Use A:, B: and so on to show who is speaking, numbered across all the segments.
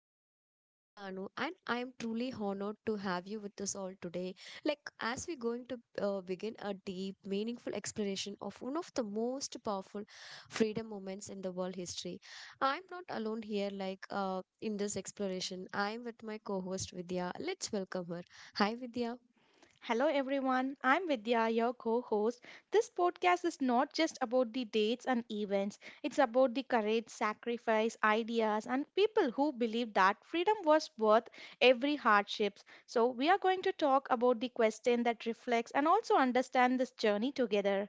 A: I'm your host Tanu and I am truly honored to have you with us all today. Like as we're going to begin a deep, meaningful explanation of one of the most powerful freedom moments in the world history. I'm not alone here like in this exploration. I'm with my co-host Vidya. Let's welcome her. Hi Vidya.
B: Hello everyone, I'm Vidya, your co host. This podcast is not just about the dates and events, it's about the courage, sacrifice, ideas, and people who believe that freedom was worth every hardship. So, we are going to talk about the question that reflects and also understand this journey together.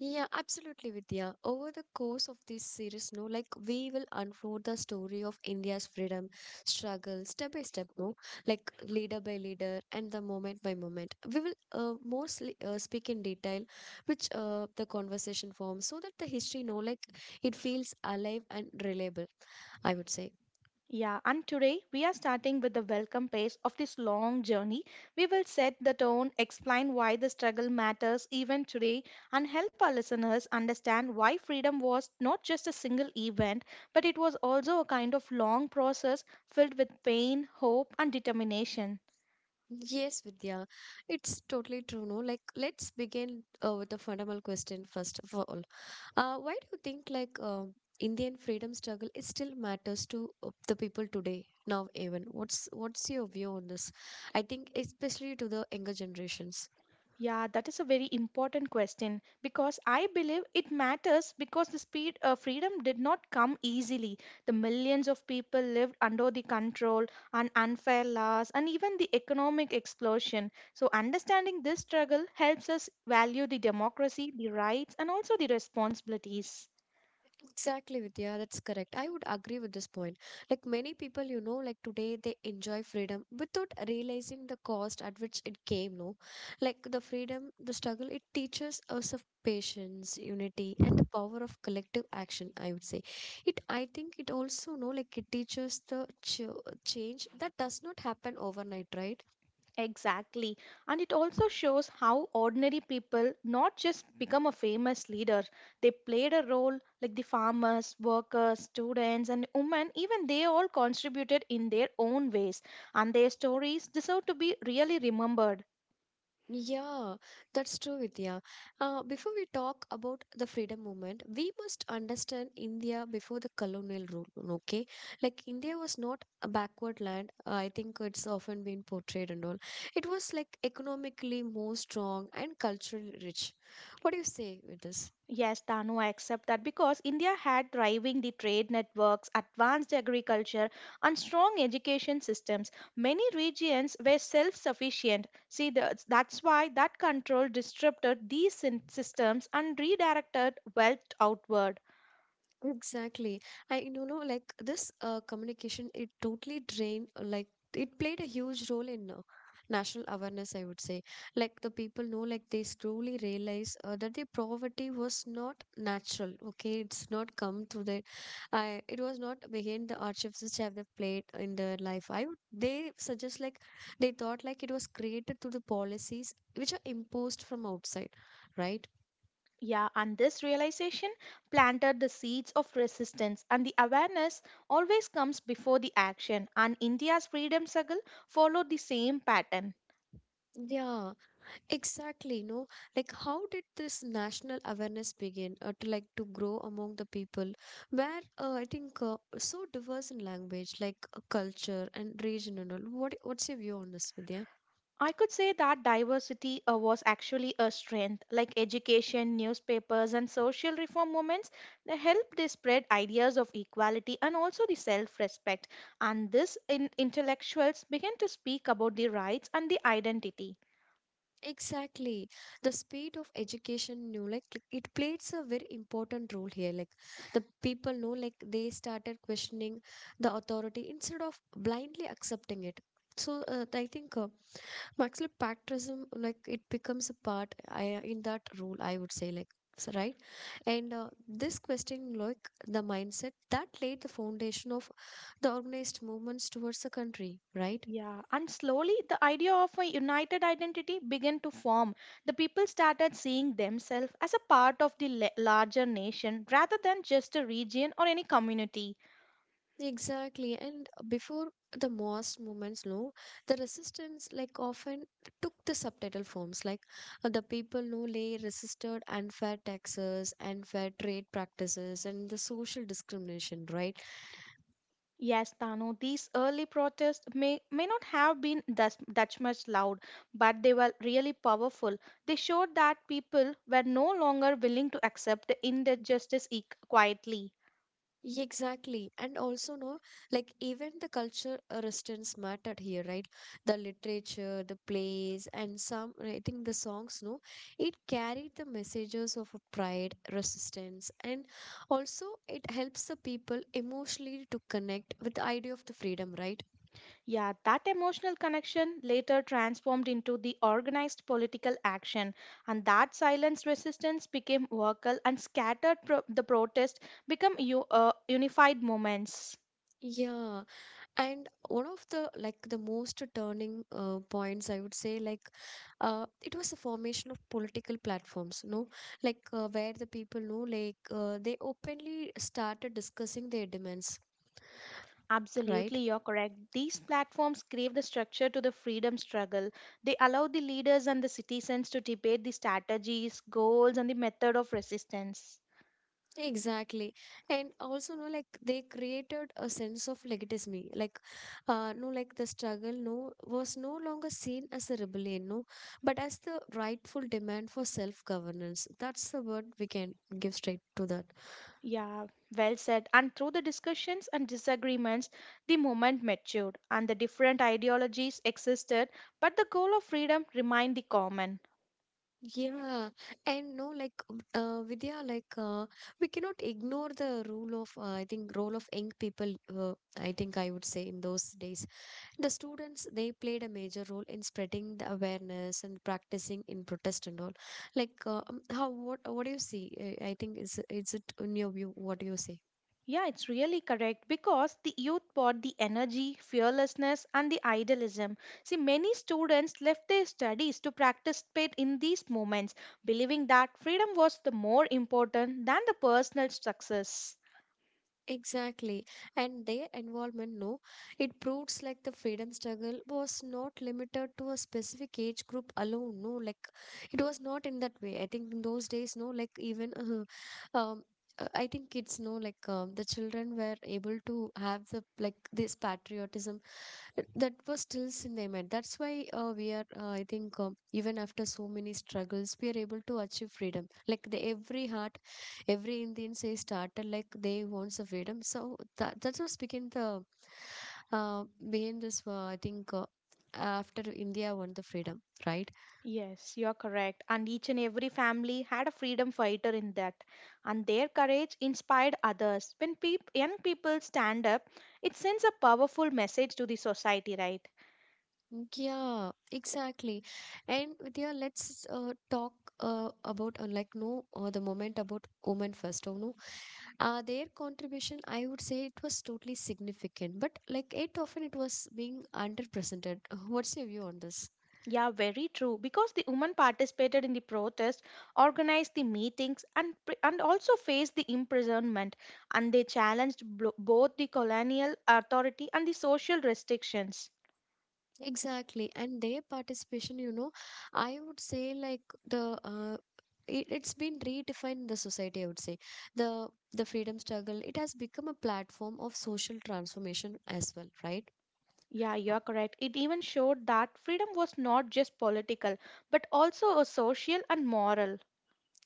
A: Yeah, absolutely, Vidya. Over the course of this series, no, like we will unfold the story of India's freedom struggle step by step, no, like leader by leader and the moment by moment. We will mostly speak in detail, which the conversation forms, so that the history, no, like it feels alive and reliable. I would say.
B: Yeah, and today we are starting with the welcome page of this long journey. We will set the tone, explain why the struggle matters even today, and help our listeners understand why freedom was not just a single event, but it was also a kind of long process filled with pain, hope, and determination.
A: Yes, Vidya, it's totally true. No, like let's begin with a fundamental question first of all. Why do you think like Indian freedom struggle is still matters to the people today now even? What's your view on this? I think especially to the younger generations.
B: Yeah, that is a very important question because I believe it matters because the speed freedom did not come easily. The millions of people lived under the control and unfair laws and even the economic explosion. So understanding this struggle helps us value the democracy, the rights and also the responsibilities.
A: Exactly, Vidya, that's correct. I would agree with this point. Like many people, like today they enjoy freedom without realizing the cost at which it came, no? Like the freedom, the struggle, it teaches us of patience, unity, and the power of collective action, I would say. It, I think it also, no, like it teaches the ch change that does not happen overnight, right?
B: Exactly. And it also shows how ordinary people not just become a famous leader, they played a role like the farmers, workers, students, and women, even they all contributed in their own ways. And their stories deserve to be really remembered.
A: Yeah, that's true, Vidya. Before we talk about the freedom movement, we must understand India before the colonial rule, okay? Like, India was not a backward land. I think it's often been portrayed and all. It was like economically more strong and culturally rich. What do you say with this?
B: Yes, Tanu, I accept that because India had thriving the trade networks, advanced agriculture, and strong education systems. Many regions were self-sufficient. See, that's why that control disrupted these systems and redirected wealth outward.
A: Exactly. I you know like this communication it totally drained like it played a huge role in national awareness, I would say. Like the people know like they slowly realize that their poverty was not natural. Okay, it's not come through their, I it was not behind the hardships which have they played in their life. I would they suggest like they thought like it was created through the policies which are imposed from outside, right?
B: Yeah, and this realization planted the seeds of resistance, and the awareness always comes before the action. And India's freedom struggle followed the same pattern.
A: Yeah. Exactly, no. Like, how did this national awareness begin, to like to grow among the people, where I think so diverse in language, like culture and region and all. What's your view on this, Vidya?
B: I could say that diversity was actually a strength, like education, newspapers, and social reform movements. They spread ideas of equality and also the self respect. And this intellectuals began to speak about the rights and the identity.
A: Exactly, the speed of education, like it plays a very important role here. Like the people know, like they started questioning the authority instead of blindly accepting it. So I think actually, patriotism, like it becomes a part I, in that role, I would say, like, so, right? And this question, like the mindset that laid the foundation of the organized movements towards the country, right?
B: Yeah, and slowly the idea of a united identity began to form. The people started seeing themselves as a part of the larger nation rather than just a region or any community.
A: Exactly. And before the most movements, no, the resistance, like, often took the subtitle forms, like the people, no, lay resisted unfair taxes, unfair trade practices, and the social discrimination, right?
B: Yes, Tanu, these early protests may not have been thus, that much loud, but they were really powerful. They showed that people were no longer willing to accept the injustice quietly.
A: Yeah, exactly. And also, no, like even the culture restraints mattered here, right? The literature, the plays, and some, I think the songs, no, it carried the messages of a pride, resistance, and also it helps the people emotionally to connect with the idea of the freedom, right?
B: Yeah, that emotional connection later transformed into the organized political action, and that silence resistance became vocal and scattered the protest become unified movements.
A: Yeah. And one of the like the most turning points, I would say, like it was the formation of political platforms, no, like where the people know, like they openly started discussing their demands,
B: Absolutely,
A: right?
B: you're correct. These platforms gave the structure to the freedom struggle. They allow the leaders and the citizens to debate the strategies, goals, and the method of resistance.
A: Exactly, and also no, like they created a sense of legitimacy, like no, like the struggle no was no longer seen as a rebellion, no, but as the rightful demand for self-governance. That's the word we can give straight to that.
B: Yeah, well said. And through the discussions and disagreements, the movement matured and the different ideologies existed, but the goal of freedom remained the common.
A: Yeah, and no, like Vidya, like we cannot ignore the rule of I think role of young people. I think I would say in those days, the students they played a major role in spreading the awareness and practicing in protest and all. Like how what do you see? I think is it in your view? What do you say?
B: Yeah, it's really correct because the youth brought the energy, fearlessness, and the idealism. See, many students left their studies to participate in these moments, believing that freedom was the more important than the personal success.
A: Exactly. And their involvement, no, it proves like the freedom struggle was not limited to a specific age group alone. No, like it was not in that way. I think in those days, no, like even, uh, um, I think kids. No, like the children were able to have the like this patriotism that was still in them mind. That's why we are, I think, even after so many struggles, we are able to achieve freedom. Like the every heart every Indian says started like they want the freedom. So that, that's what's begin the uh, behind this. I think after India won the freedom, right?
B: Yes, you are correct. And each and every family had a freedom fighter in that. And their courage inspired others. When young people stand up, it sends a powerful message to the society, right?
A: Yeah, exactly. And Vidya, let's talk about like no the moment about women first. Oh no, their contribution I would say it was totally significant, but like it often it was being underrepresented. What's your view on this?
B: Yeah, very true. Because the women participated in the protest, organized the meetings, and also faced the imprisonment, and they challenged both the colonial authority and the social restrictions.
A: Exactly. And their participation, I would say like the it's been redefined in the society, I would say. The freedom struggle, it has become a platform of social transformation as well, right?
B: Yeah, you are correct. It even showed that freedom was not just political, but also a social and moral.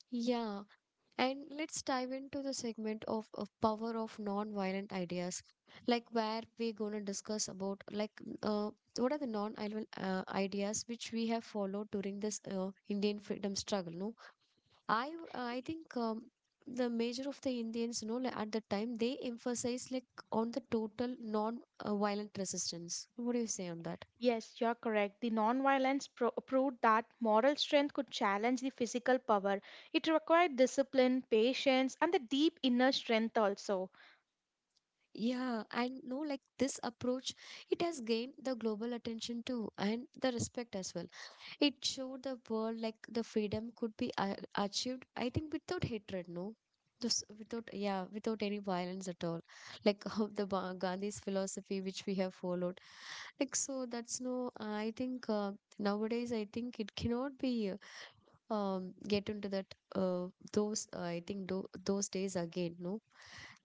A: Yeah. And let's dive into the segment of power of non-violent ideas. Like where we're gonna discuss about like uh what are the non-violent ideas which we have followed during this Indian freedom struggle, no? I think the major of the Indians, like, at the time they emphasize like on the total non-violent resistance. What do you say on that?
B: Yes, you are correct. The nonviolence proved that moral strength could challenge the physical power. It required discipline, patience, and the deep inner strength also.
A: Yeah, and no, like this approach, it has gained the global attention too, and the respect as well. It showed the world like the freedom could be achieved, I think, without hatred, no? This, without, yeah, without any violence at all. Like how the Gandhi's philosophy, which we have followed. Like, so that's no, I think nowadays, I think it cannot be get into that, those, I think, do those days again, no?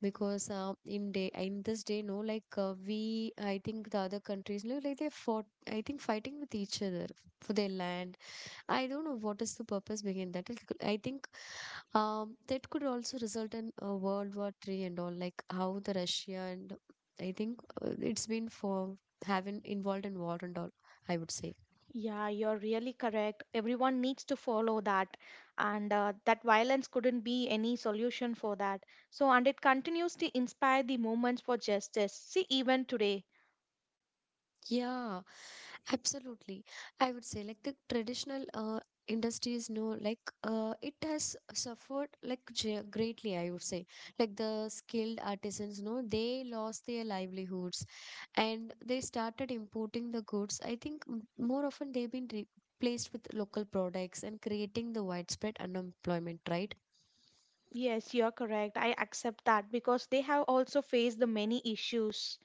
A: Because in day in this day no like we I think the other countries no, like they fought I think fighting with each other for their land. I don't know what is the purpose behind that. I think that could also result in a World War III and all, like how the Russia and I think it's been for having involved in war and all. I would say.
B: Yeah, you're really correct. Everyone needs to follow that, and that violence couldn't be any solution for that. So, and it continues to inspire the movements for justice. See, even today.
A: Yeah, absolutely. I would say like the traditional industries no like it has suffered like greatly, I would say, like the skilled artisans no they lost their livelihoods, and they started importing the goods, I think more often they've been replaced with local products and creating the widespread unemployment, right.
B: Yes, you're correct. I accept that because they have also faced the many issues.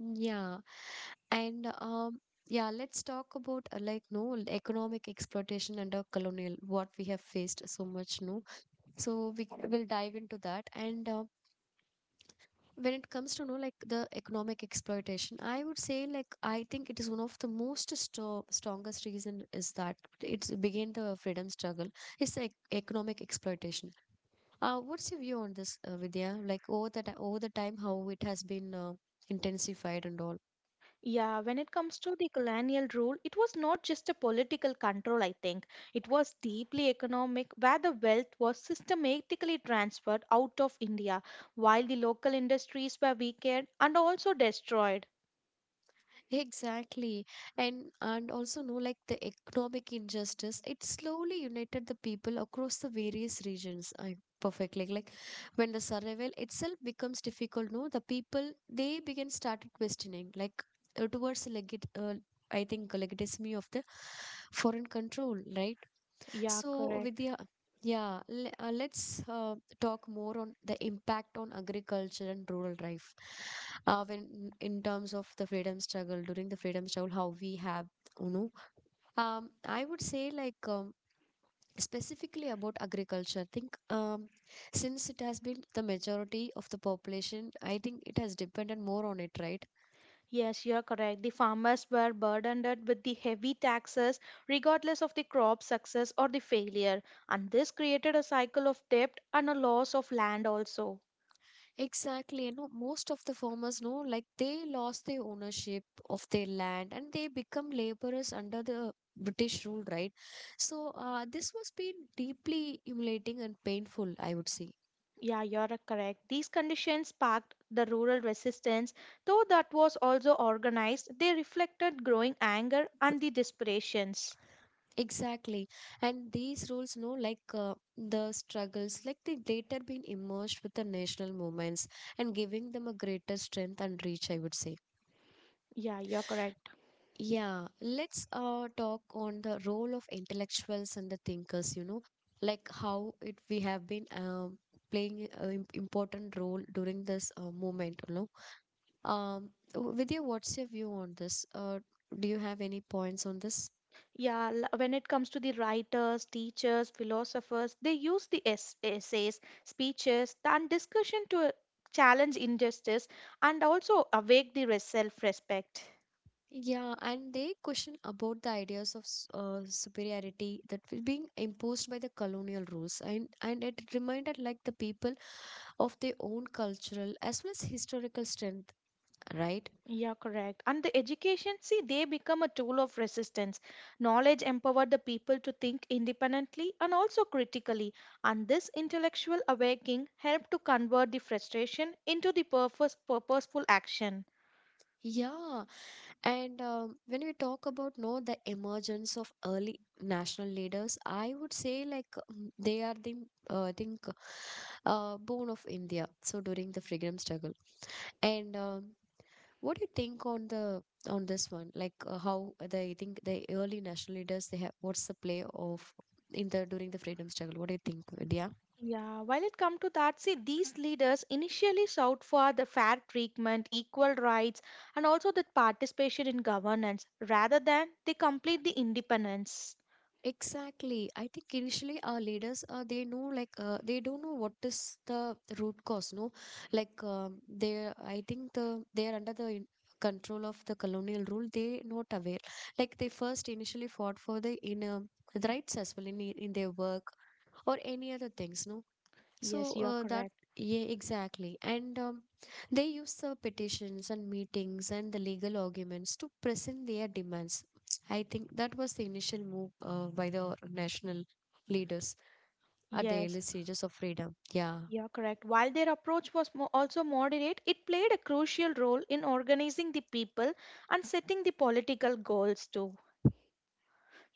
A: Yeah. And yeah, let's talk about like no economic exploitation under colonial what we have faced so much, no. So we will dive into that. And when it comes to no like the economic exploitation, I would say like I think it is one of the most sto strongest reason is that it's began the freedom struggle. It's like economic exploitation. What's your view on this, Vidya? Like over the time, how it has been intensified and all.
B: Yeah, when it comes to the colonial rule, it was not just a political control, I think. It was deeply economic, where the wealth was systematically transferred out of India, while the local industries were weakened and also destroyed.
A: Exactly. And also no like the economic injustice, it slowly united the people across the various regions. I perfectly like when the survival itself becomes difficult, no, the people they begin started questioning, like towards legit I think legitimacy of the foreign control, right?
B: Yeah,
A: So,
B: correct.
A: Vidya, yeah, let's talk more on the impact on agriculture and rural life. When in terms of the freedom struggle, during the freedom struggle, how we have, you know, I would say like specifically about agriculture. I think since it has been the majority of the population, I think it has depended more on it, right?
B: Yes, you're correct. The farmers were burdened with the heavy taxes, regardless of the crop success or the failure, and this created a cycle of debt and a loss of land also.
A: Exactly, most of the farmers know like they lost the ownership of their land and they become laborers under the British rule, right? So, this was been deeply humiliating and painful, I would say.
B: Yeah, you're correct. These conditions sparked the rural resistance, though that was also organized. They reflected growing anger and the desperations.
A: Exactly, and these rules, no, like the struggles, like they later been immersed with the national movements and giving them a greater strength and reach, I would say.
B: Yeah, you're correct.
A: Yeah, let's talk on the role of intellectuals and the thinkers, like how it we have been playing an important role during this movement. Vidya, what's your view on this? Do you have any points on this?
B: Yeah, when it comes to the writers, teachers, philosophers, they use the essays, speeches, and discussion to challenge injustice and also awake the self respect.
A: Yeah, and they question about the ideas of superiority that were being imposed by the colonial rules, and it reminded like the people of their own cultural as well as historical strength, right?
B: Yeah, correct. And the education, see, they become a tool of resistance. Knowledge empowered the people to think independently and also critically. And this intellectual awakening helped to convert the frustration into the purposeful action.
A: Yeah, and when we talk about no the emergence of early national leaders, I would say like they are the I think bone of India. So during the freedom struggle, and what do you think on the on this one? Like how the I think the early national leaders they have what's the play of in the during the freedom struggle? What do you think, Vidya?
B: Yeah, while it comes to that, see, these leaders initially sought for the fair treatment, equal rights, and also the participation in governance rather than they complete the independence.
A: Exactly. I think initially our leaders, they know like they don't know what is the root cause. No, like they, I think they are under the control of the colonial rule. They not aware. Like they first initially fought for the in the rights as well in in their work or any other things. No, so
B: Yes, you are
A: that
B: correct.
A: yeah exactly and they use the petitions and meetings and the legal arguments to present their demands. I think that was the initial move by the national leaders at the
B: Yes.
A: early stages of freedom. Yeah.
B: Yeah, correct. While their approach was also moderate, it played a crucial role in organizing the people and setting the political goals too.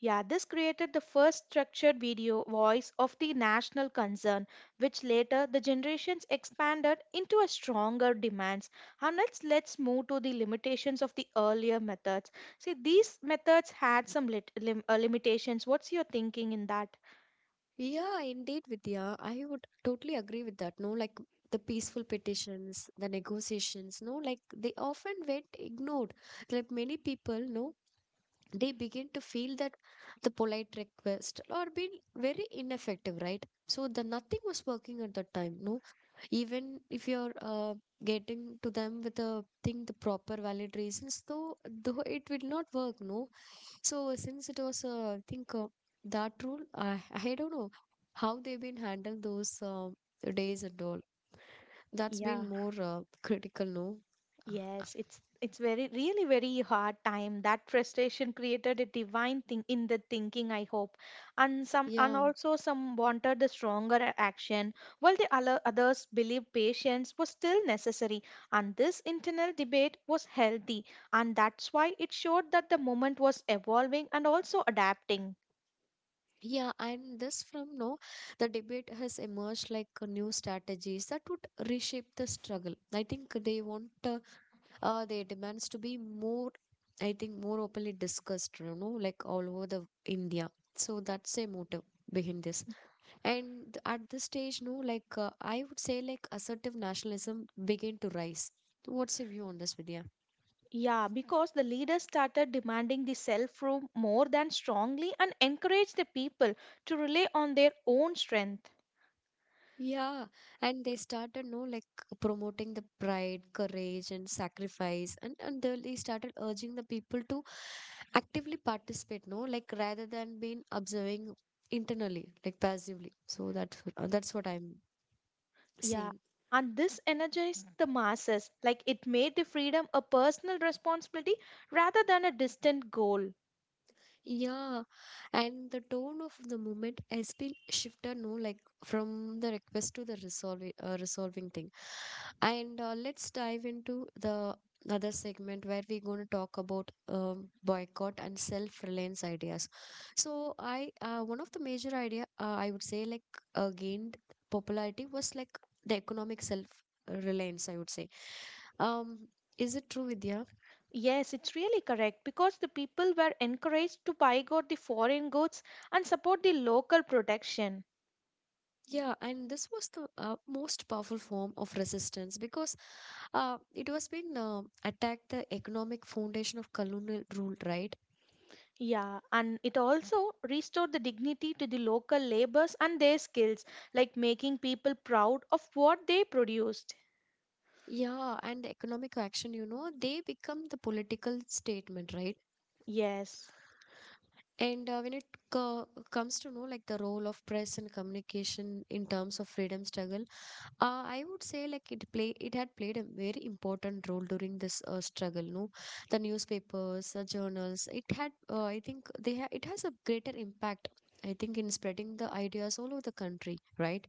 B: Yeah, this created the first structured video voice of the national concern, which later the generations expanded into a stronger demands. And let's move to the limitations of the earlier methods. See, these methods had some limitations. What's your thinking in that?
A: Yeah, indeed, Vidya. I would totally agree with that. No, like the peaceful petitions, the negotiations, no, like they often went ignored. Like many people, no, they begin to feel that the polite request or being very ineffective, right? So the nothing was working at that time, no, even if you're getting to them with the thing the proper valid reasons, though it will not work, no, so since it was I think that rule I don't know how they've been handled those days and all, that's
B: Yeah.
A: been more critical, no. Uh, uh,
B: Yes, it's very really very hard time. That frustration created a divine thing in the thinking, I hope. And
A: yeah.
B: also some wanted the stronger action, while the other others believed patience was still necessary. And this internal debate was healthy, and that's why it showed that the moment was evolving and also adapting.
A: Yeah, and this from no, the debate has emerged like new strategies that would reshape the struggle. I think they want their demands to be more, I think, more openly discussed, you know, like all over the India. So that's a motive behind this. And at this stage, no, like I would say, like assertive nationalism began to rise. What's your view on this, Vidya?
B: Yeah, because the leaders started demanding the self-rule more than strongly and encouraged the people to rely on their own strength.
A: Yeah, and they started no like promoting the pride, courage, and sacrifice, and and they started urging the people to actively participate. No, like rather than being observing internally, like passively. So that's what I'm
B: Yeah,
A: saying.
B: and this energized the masses. Like it made the freedom a personal responsibility rather than a distant goal.
A: Yeah, and the tone of the moment has been shifted, no, like from the request to the resolving resolving thing. And let's dive into the other segment where we're going to talk about boycott and self-reliance ideas. So I one of the major idea I would say like gained popularity was like the economic self-reliance. I would say. Um, is it true, Vidya?
B: Yes, it's really correct because the people were encouraged to boycott the foreign goods and support the local production.
A: Yeah, and this was the most powerful form of resistance because it was been attacked the economic foundation of colonial rule, right?
B: Yeah, and it also restored the dignity to the local laborers and their skills, like making people proud of what they produced.
A: Yeah, and the economic action, you know, they become the political statement, right?
B: Yes.
A: And when it co comes to know like the role of press and communication in terms of freedom struggle, I would say like it play it had played a very important role during this struggle. No, the newspapers, the journals, it had I think they it has a greater impact. I think in spreading the ideas all over the country, right?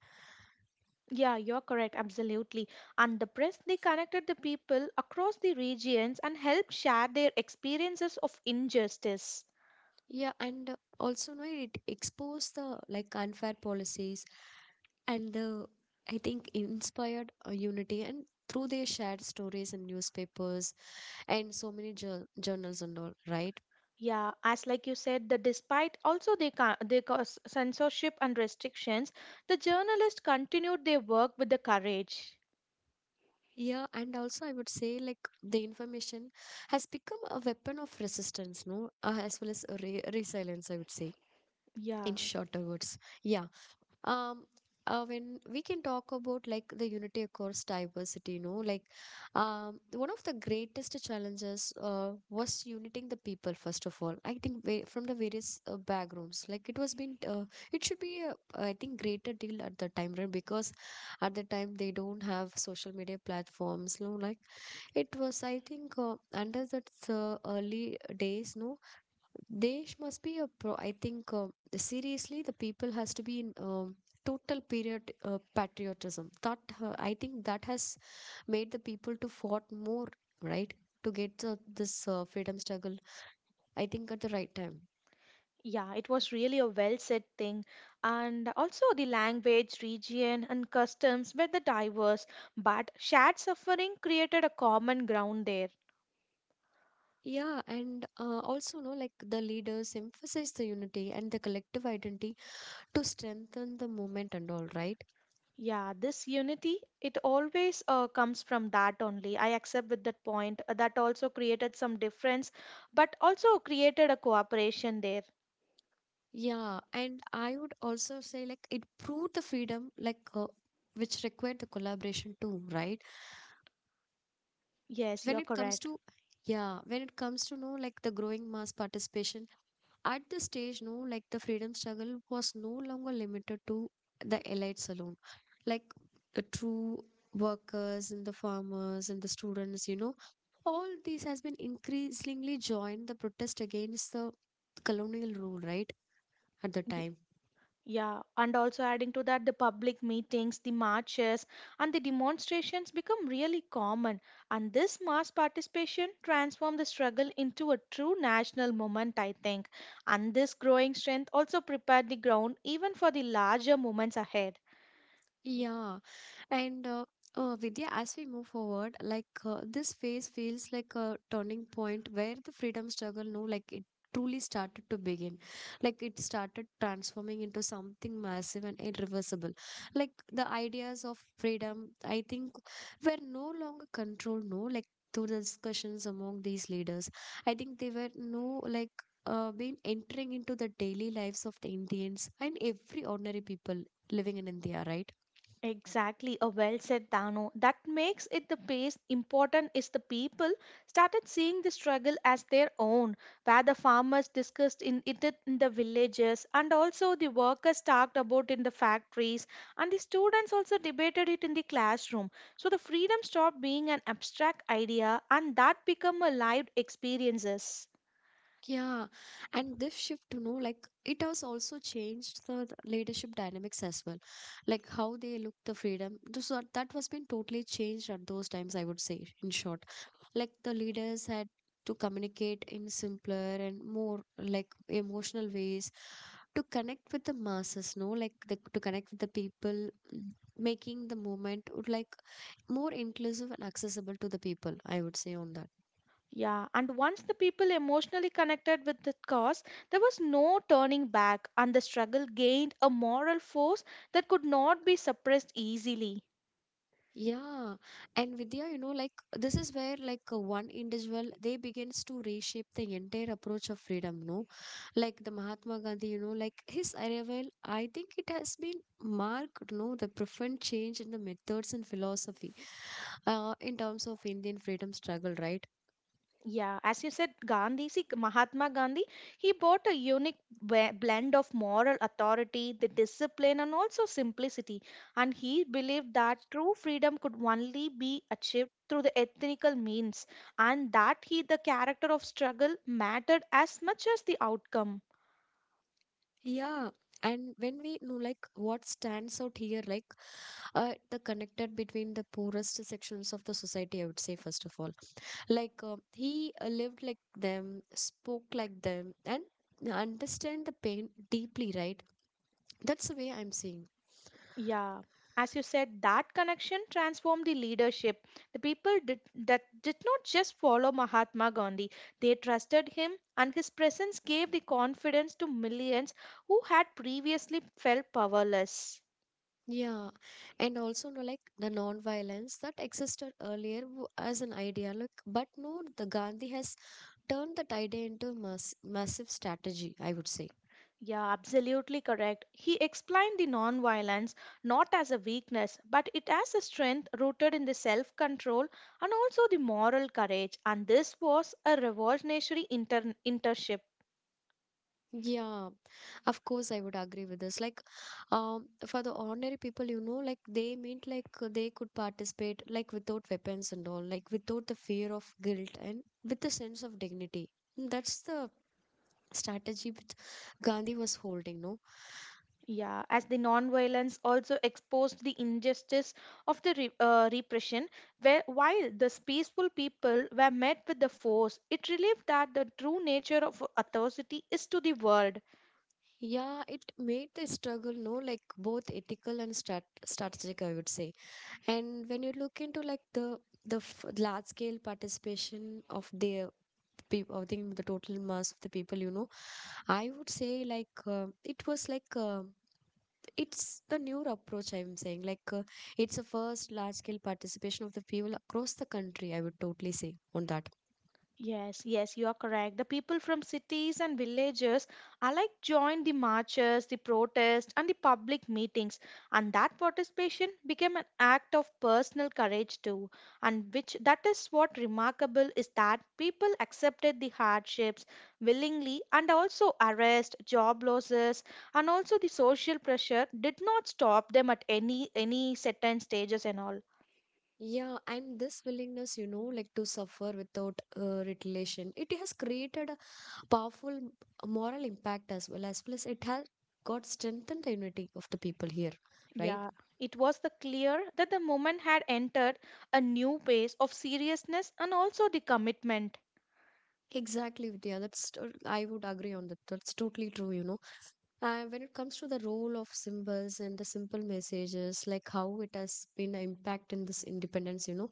B: Yeah, you're correct, absolutely. And the press, they connected the people across the regions and helped share their experiences of injustice.
A: Yeah, and also no, it exposed the like unfair policies and the I think inspired unity and through their shared stories in newspapers and so many journals and all, right?
B: Yeah, as like you said, the despite also they cause censorship and restrictions, the journalists continued their work with the courage.
A: Yeah, and also I would say like the information has become a weapon of resistance, no, as well as a re resilience, I would say
B: Yeah,
A: in shorter words. Yeah. um when we can talk about like the unity across diversity, you know, like one of the greatest challenges was uniting the people first of all, I think from the various backgrounds, like it was been it should be a, I think greater deal at the time, right? Because at the time they don't have social media platforms, no, like it was I think under that early days, no, there must be a pro. I think seriously, the people has to be in total period patriotism. That I think that has made the people to fought more, right? To get this freedom struggle, I think at the right time.
B: yeah, it was really a well said thing. And also the language, region, and customs were the diverse, but shared suffering created a common ground there.
A: Yeah, and also, no, like the leaders emphasize the unity and the collective identity to strengthen the movement and all, right?
B: Yeah, this unity, it always comes from that only. I accept with that point. That also created some difference, but also created a cooperation there.
A: Yeah, and I would also say like it proved the freedom, like which required the collaboration too, right?
B: Yes,
A: when
B: you're
A: it comes
B: correct.
A: to Yeah, when it comes to know like the growing mass participation at the stage, no, like the freedom struggle was no longer limited to the elites alone, like the true workers and the farmers and the students, you know, all these has been increasingly joined the protest against the colonial rule, right, at the
B: Ye-
A: time?
B: Yeah, and also adding to that, the public meetings, the marches, and the demonstrations become really common. And this mass participation transformed the struggle into a true national moment, I think. And this growing strength also prepared the ground even for the larger moments ahead.
A: Yeah. And Vidya, as we move forward, like this phase feels like a turning point where the freedom struggle, no, like it truly started to begin. Like it started transforming into something massive and irreversible. Like the ideas of freedom, I think, were no longer controlled, no, like through the discussions among these leaders. I think they were no, like, been entering into the daily lives of the Indians and every ordinary people living in India, right?
B: Exactly, a well said Dano. That makes it the base. Important is the people started seeing the struggle as their own, where the farmers discussed in it in the villages, and also the workers talked about in the factories, and the students also debated it in the classroom. So the freedom stopped being an abstract idea, and that became a lived experiences.
A: Yeah, and this shift, you know, like it has also changed the leadership dynamics as well, like how they look the freedom. This was, that was been totally changed at those times, I would say, in short. Like the leaders had to communicate in simpler and more like emotional ways to connect with the masses, no, like the, to connect with the people, mm, making the movement would like more inclusive and accessible to the people, I would say on that.
B: Yeah, and once the people emotionally connected with the cause, there was no turning back, and the struggle gained a moral force that could not be suppressed easily.
A: Yeah, and Vidya, you know, like this is where like one individual they begins to reshape the entire approach of freedom, no? Like the Mahatma Gandhi, you know, like his arrival, I think it has been marked, no, the profound change in the methods and philosophy, in terms of Indian freedom struggle, right?
B: Yeah, as you said, Gandhi, see, Mahatma Gandhi, he brought a unique blend of moral authority, the discipline, and also simplicity. And he believed that true freedom could only be achieved through the ethnical means, and that he, the character of struggle, mattered as much as the outcome.
A: Yeah. And when we know like what stands out here, like the connected between the poorest sections of the society, I would say first of all like he lived like them, spoke like them, and understand the pain deeply, right? That's the way I'm seeing.
B: Yeah, as you said, that connection transformed the leadership. The people did, that did not just follow Mahatma Gandhi, they trusted him, and his presence gave the confidence to millions who had previously felt powerless.
A: Yeah, and also no, like the non-violence that existed earlier as an idea, like but no the Gandhi has turned that idea into a massive strategy, I would say.
B: Yeah, absolutely correct. He explained the non-violence not as a weakness, but it as a strength rooted in the self-control and also the moral courage. And this was a revolutionary internship.
A: Yeah. Of course, I would agree with this. Like, for the ordinary people, you know, like they meant like they could participate like without weapons and all, like without the fear of guilt and with a sense of dignity. That's the strategy which Gandhi was holding, no?
B: Yeah, as the nonviolence also exposed the injustice of the repression, where while the peaceful people were met with the force, it relieved that the true nature of authority is to the world.
A: Yeah, it made the struggle, no, like both ethical and strategic, I would say. And when you look into like the f large scale participation of the people, I think the total mass of the people, you know. I would say like it was like it's the newer approach I'm saying like it's a first large scale participation of the people across the country, I would totally say on that.
B: Yes, yes, you are correct. The people from cities and villages alike joined the marches, the protests, and the public meetings, and that participation became an act of personal courage too. And which that is what remarkable is that people accepted the hardships willingly, and also arrest, job losses, and also the social pressure did not stop them at any certain stages and all.
A: Yeah, and this willingness, you know, like to suffer without retaliation, it has created a powerful moral impact as well as it has got strengthened the unity of the people here, right?
B: Yeah, it was the clear that the moment had entered a new phase of seriousness and also the commitment.
A: Exactly, Vidya. I would agree on that. That's totally true. You know. And when it comes to the role of symbols and the simple messages, like how it has been an impact in this independence, you know,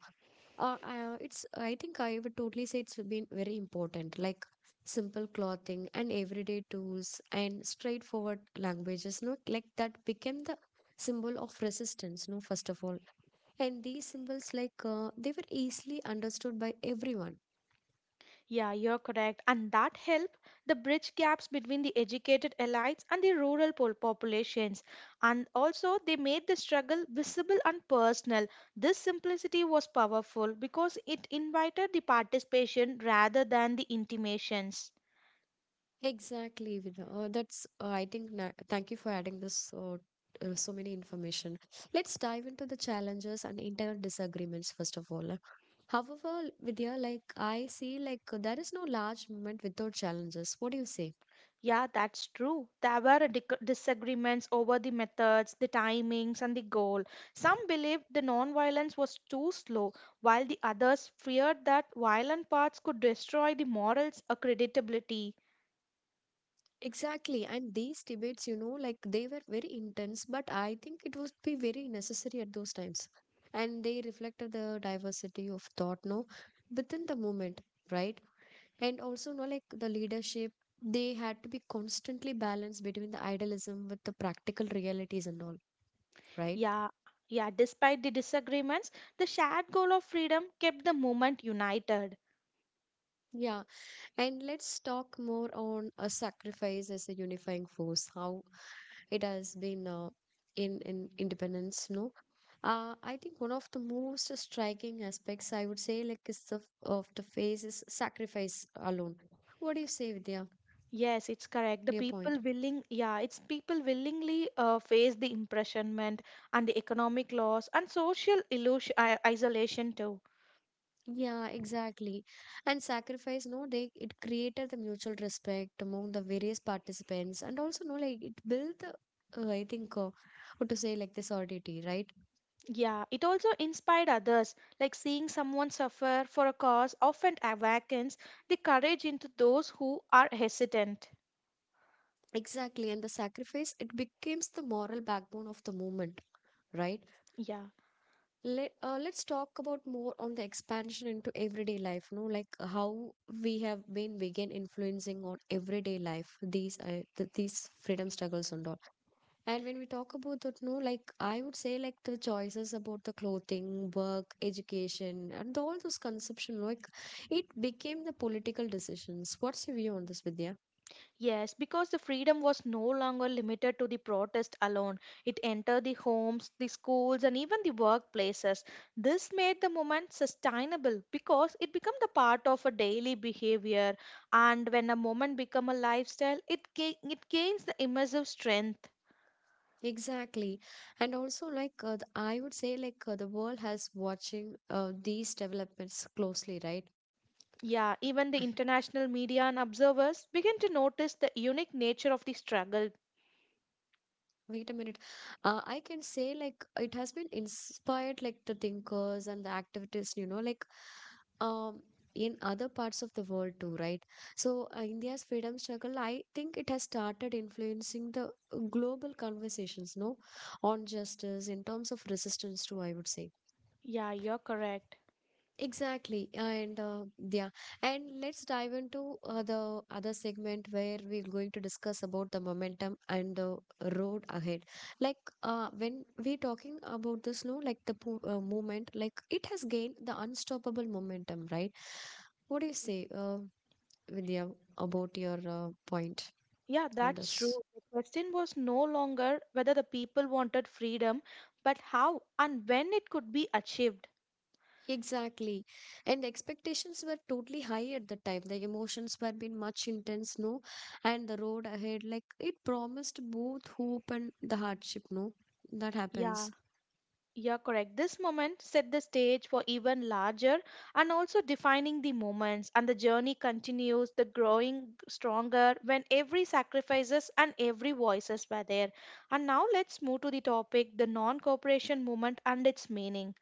A: it's I think I would totally say it's been very important. Like simple clothing and everyday tools and straightforward languages, you know, like that became the symbol of resistance, no, first of all. And these symbols, like they were easily understood by everyone.
B: Yeah, you're correct. And that helped the bridge gaps between the educated elites and the populations. And also, they made the struggle visible and personal. This simplicity was powerful because it invited the participation rather than the intimations.
A: Exactly, Vina. That's I think na thank you for adding this so many information. Let's dive into the challenges and internal disagreements first of all. However, Vidya, like I see, like there is no large movement without challenges. What do you say?
B: Yeah, that's true. There were disagreements over the methods, the timings, and the goal. Some believed the non-violence was too slow, while the others feared that violent paths could destroy the morals or credibility.
A: Exactly, and these debates, you know, like they were very intense, but I think it would be very necessary at those times, and they reflected the diversity of thought, no, within the movement, right? And also no, like the leadership they had to be constantly balanced between the idealism with the practical realities and all, right.
B: Yeah, yeah, despite the disagreements, the shared goal of freedom kept the movement united.
A: Yeah, and let's talk more on a sacrifice as a unifying force, how it has been in independence, no. I think one of the most striking aspects I would say like is the of the phase is sacrifice alone. What do you say, Vidya?
B: Yes, it's correct.
A: In
B: The
A: your point?
B: people willing, yeah, it's people willingly face the imprisonment and the economic loss and social illusion, isolation too.
A: Yeah, exactly. And sacrifice, no, they it created the mutual respect among the various participants, and also no, like it built I think what to say like the solidity, right?
B: Yeah, it also inspired others, like seeing someone suffer for a cause often awakens the courage into those who are hesitant.
A: Exactly, and the sacrifice it becomes the moral backbone of the movement, right?
B: Yeah,
A: Let's talk about more on the expansion into everyday life, no, like how we have been begin influencing on everyday life these th these freedom struggles and all. And when we talk about that, no, like I would say, like the choices about the clothing, work, education, and all those consumption, like it became the political decisions. What's your view on this, Vidya?
B: yes, because the freedom was no longer limited to the protest alone. It entered the homes, the schools, and even the workplaces. This made the movement sustainable because it became the part of a daily behavior. And when a movement become a lifestyle, it gains the immersive strength.
A: Exactly, and also like the, I would say, like the world has watching these developments closely, right?
B: Yeah, even the international media and observers begin to notice the unique nature of the struggle.
A: Wait a minute. I can say like it has been inspired like the thinkers and the activists, you know, like um, in other parts of the world too, right? So, India's freedom struggle, I think it has started influencing the global conversations, no, on justice in terms of resistance too, I would say.
B: Yeah, you're correct.
A: Exactly, and yeah, and let's dive into the other segment where we're going to discuss about the momentum and the road ahead. Like when we're talking about this, no, like the movement, like it has gained the unstoppable momentum, right? What do you say, Vidya, about your point
B: Yeah,
A: on
B: that's
A: this?
B: true. The question was no longer whether the people wanted freedom, but how and when it could be achieved.
A: Exactly. And expectations were totally high at the time. The emotions were been much intense, no? And the road ahead, like it promised both hope and the hardship, no? That
B: Yeah,
A: happens.
B: yeah, correct. This moment set the stage for even larger and also defining the moments and the journey continues, the growing stronger when every sacrifices and every voices were there. And now let's move to the topic, the non-cooperation movement and its meaning.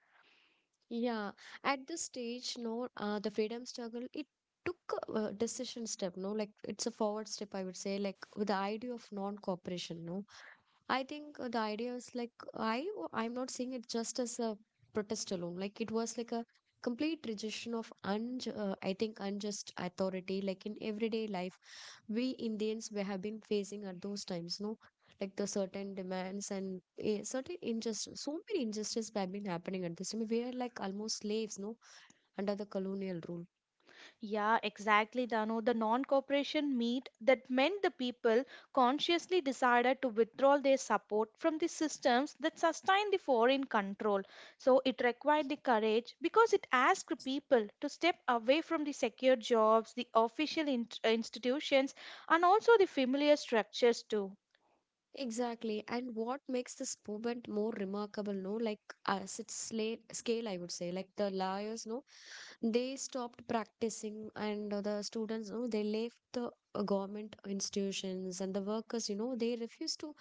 A: Yeah. At this stage, no, the freedom struggle, it took a decision step, no? Like it's a forward step, I would say, like with the idea of non-cooperation, no? I think the idea is like I'm not seeing it just as a protest alone. Like it was like a complete rejection of unj I think unjust authority. Like in everyday life, we Indians we have been facing at those times. No, like the certain demands and a certain injustice. So many injustices have been happening at this time. We are like almost slaves. No, under the colonial rule.
B: Yeah, exactly, Dano. The non cooperation meet that meant the people consciously decided to withdraw their support from the systems that sustain the foreign control. So it required the courage because it asked people to step away from the secure jobs, the institutions, and also the familiar structures too.
A: Exactly. And what makes this movement more remarkable, no? Like as its scale, I would say, like the lawyers, no, they stopped practicing and the students, you know, they left the government institutions, and the workers, you know, they refused to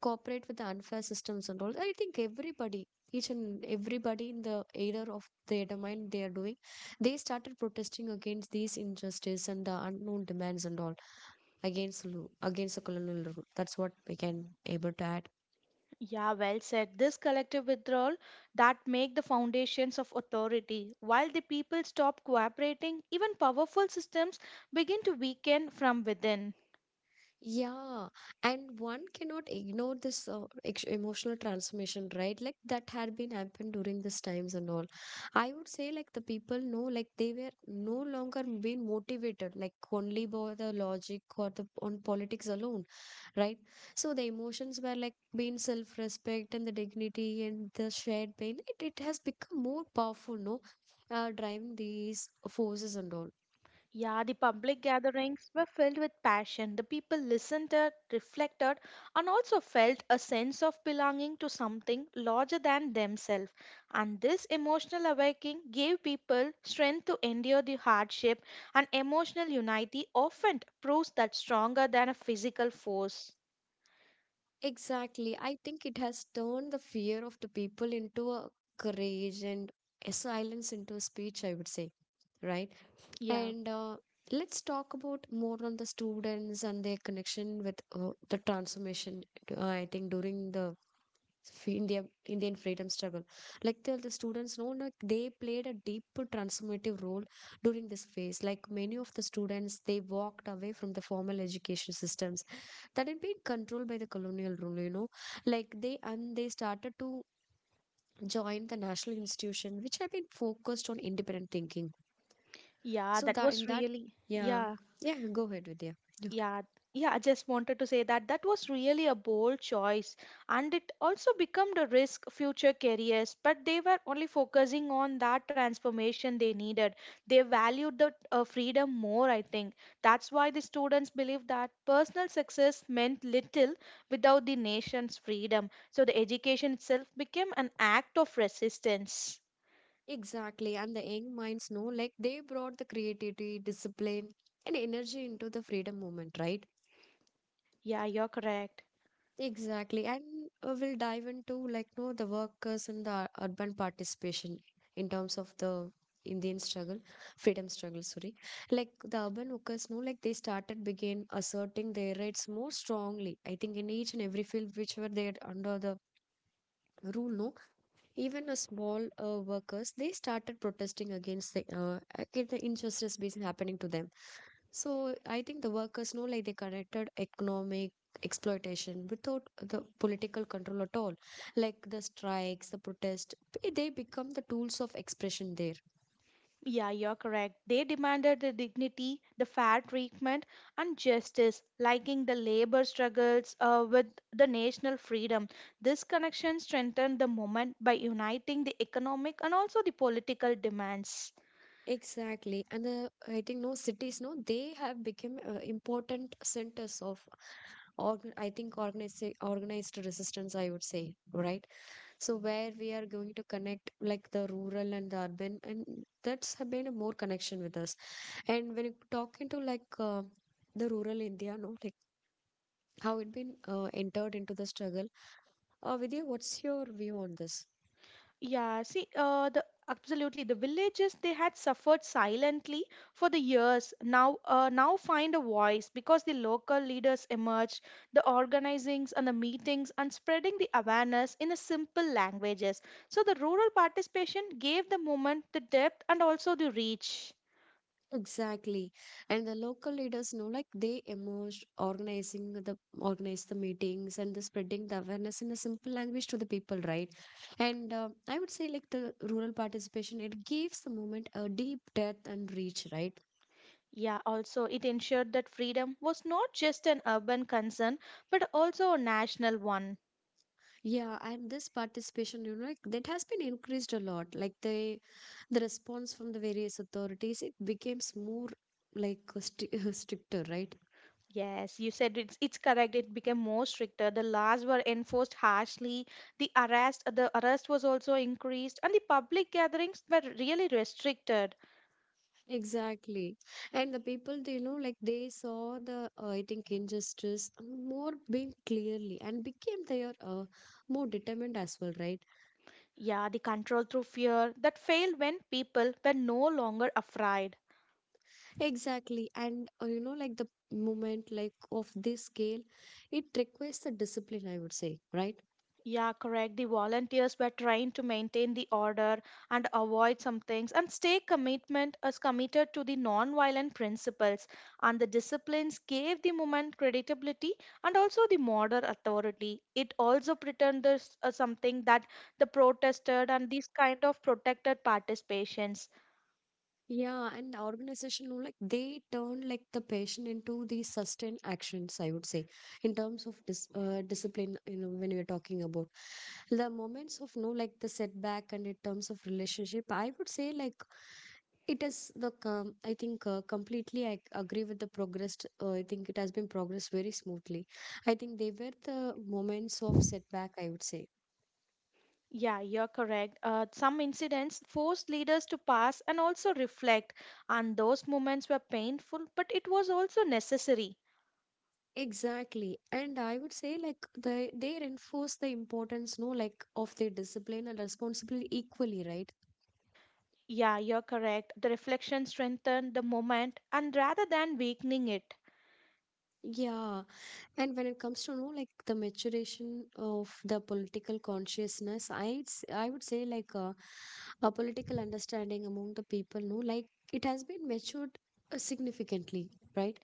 A: cooperate with the unfair systems and all. I think everybody, each and everybody in the area of their domain, they are doing, they started protesting against these injustice and the unknown demands and all, against against the colonial rule. That's what we can able to add.
B: Yeah, well said. This collective withdrawal that make the foundations of authority. While the people stop cooperating, even powerful systems begin to weaken from within.
A: Yeah, and one cannot ignore this emotional transformation, right? Like that had been happened during these times and all. I would say like the people know like they were no longer being motivated like only by the logic or the on politics alone, right? So the emotions were like being self-respect and the dignity and the shared pain. It has become more powerful, no? Driving these forces and all.
B: Yeah, the public gatherings were filled with passion. The people listened, reflected, and also felt a sense of belonging to something larger than themselves. And this emotional awakening gave people strength to endure the hardship, and emotional unity often proves that stronger than a physical force.
A: Exactly. I think it has turned the fear of the people into a courage, and a silence into a speech, I would say, right?
B: Yeah,
A: And let's talk about more on the students and their connection with the transformation, I think, during the India, Indian freedom struggle. Like the students know, like they played a deep transformative role during this phase. Like many of the students, they walked away from the formal education systems that had been controlled by the colonial rule, you know. Like they and they started to join the national institution which had been focused on independent thinking.
B: yeah,
A: So
B: that
A: that
B: was
A: in that,
B: really,
A: yeah.
B: yeah.
A: Yeah, go ahead, Vidya. Yeah.
B: Yeah, yeah, I just wanted to say that that was really a bold choice and it also became a risk future careers, but they were only focusing on that transformation they needed. They valued the freedom more, I think. That's why the students believe that personal success meant little without the nation's freedom. So the education itself became an act of resistance.
A: Exactly. And the young minds know like they brought the creativity, discipline and energy into the freedom movement, right?
B: Yeah, you're correct.
A: Exactly. And we'll dive into like no the workers and the urban participation in terms of the Indian struggle, freedom struggle, sorry. Like the urban workers know like they started begin asserting their rights more strongly. I think in each and every field which were there under the rule, no, even a small workers, they started protesting against the injustice being happening to them. So I think the workers know like they connected economic exploitation without the political control at all. Like the strikes, the protest, they become the tools of expression there.
B: Yeah, you're correct. They demanded the dignity, the fair treatment, and justice, liking the labor struggles with the national freedom. This connection strengthened the movement by uniting the economic and also the political demands.
A: Exactly, and the, I think no cities no they have become important centers of I think organized resistance, I would say, right. So where we are going to connect like the rural and the urban, and that's has been a more connection with us. And when you talk into like the rural India, no, like how it been entered into the struggle, Vidya, what's your view on this?
B: Yeah, see, the absolutely the villages they had suffered silently for the years now now find a voice because the local leaders emerged, the organizings and the meetings and spreading the awareness in a simple languages. So the rural participation gave the movement the depth and also the reach.
A: Exactly. And the local leaders know like they emerged organizing the organize the meetings and the spreading the awareness in a simple language to the people, right? And I would say like the rural participation, it gives the movement a deep depth and reach, right?
B: Yeah, also it ensured that freedom was not just an urban concern but also a national one.
A: Yeah, and this participation, you know, like, that has been increased a lot. Like the response from the various authorities, it becomes more like stricter, right?
B: Yes, you said it's correct. It became more stricter. The laws were enforced harshly. The arrest was also increased, and the public gatherings were really restricted.
A: Exactly. And the people, they know, like they saw the, I think, injustice more being clearly and became their more determined as well, right?
B: Yeah, the control through fear that failed when people were no longer afraid.
A: Exactly. And you know, like the moment like of this scale, it requires the discipline, I would say, right?
B: Yeah, correct. The volunteers were trained to maintain the order and avoid some things and stay commitment as committed to the non-violent principles and the disciplines gave the movement credibility and also the modern authority. It also pretended something that the protested and these kind of protected participations.
A: Yeah, and the organization, you know, like they turn like the passion into the sustained actions, I would say, in terms of discipline, you know, when we are talking about the moments of no like the setback and in terms of relationship, I would say like it is the com I think completely I agree with the progress. I think it has been progressed very smoothly. I think they were the moments of setback, I would say.
B: Yeah, you're correct. Some incidents forced leaders to pass and also reflect, and those moments were painful, but it was also necessary.
A: Exactly. And I would say like they reinforce the importance, no, like of their discipline and responsibility equally, right?
B: Yeah, you're correct. The reflection strengthened the moment and rather than weakening it.
A: Yeah. And when it comes to no, like the maturation of the political consciousness, I would say like a political understanding among the people, no, like it has been matured significantly, right?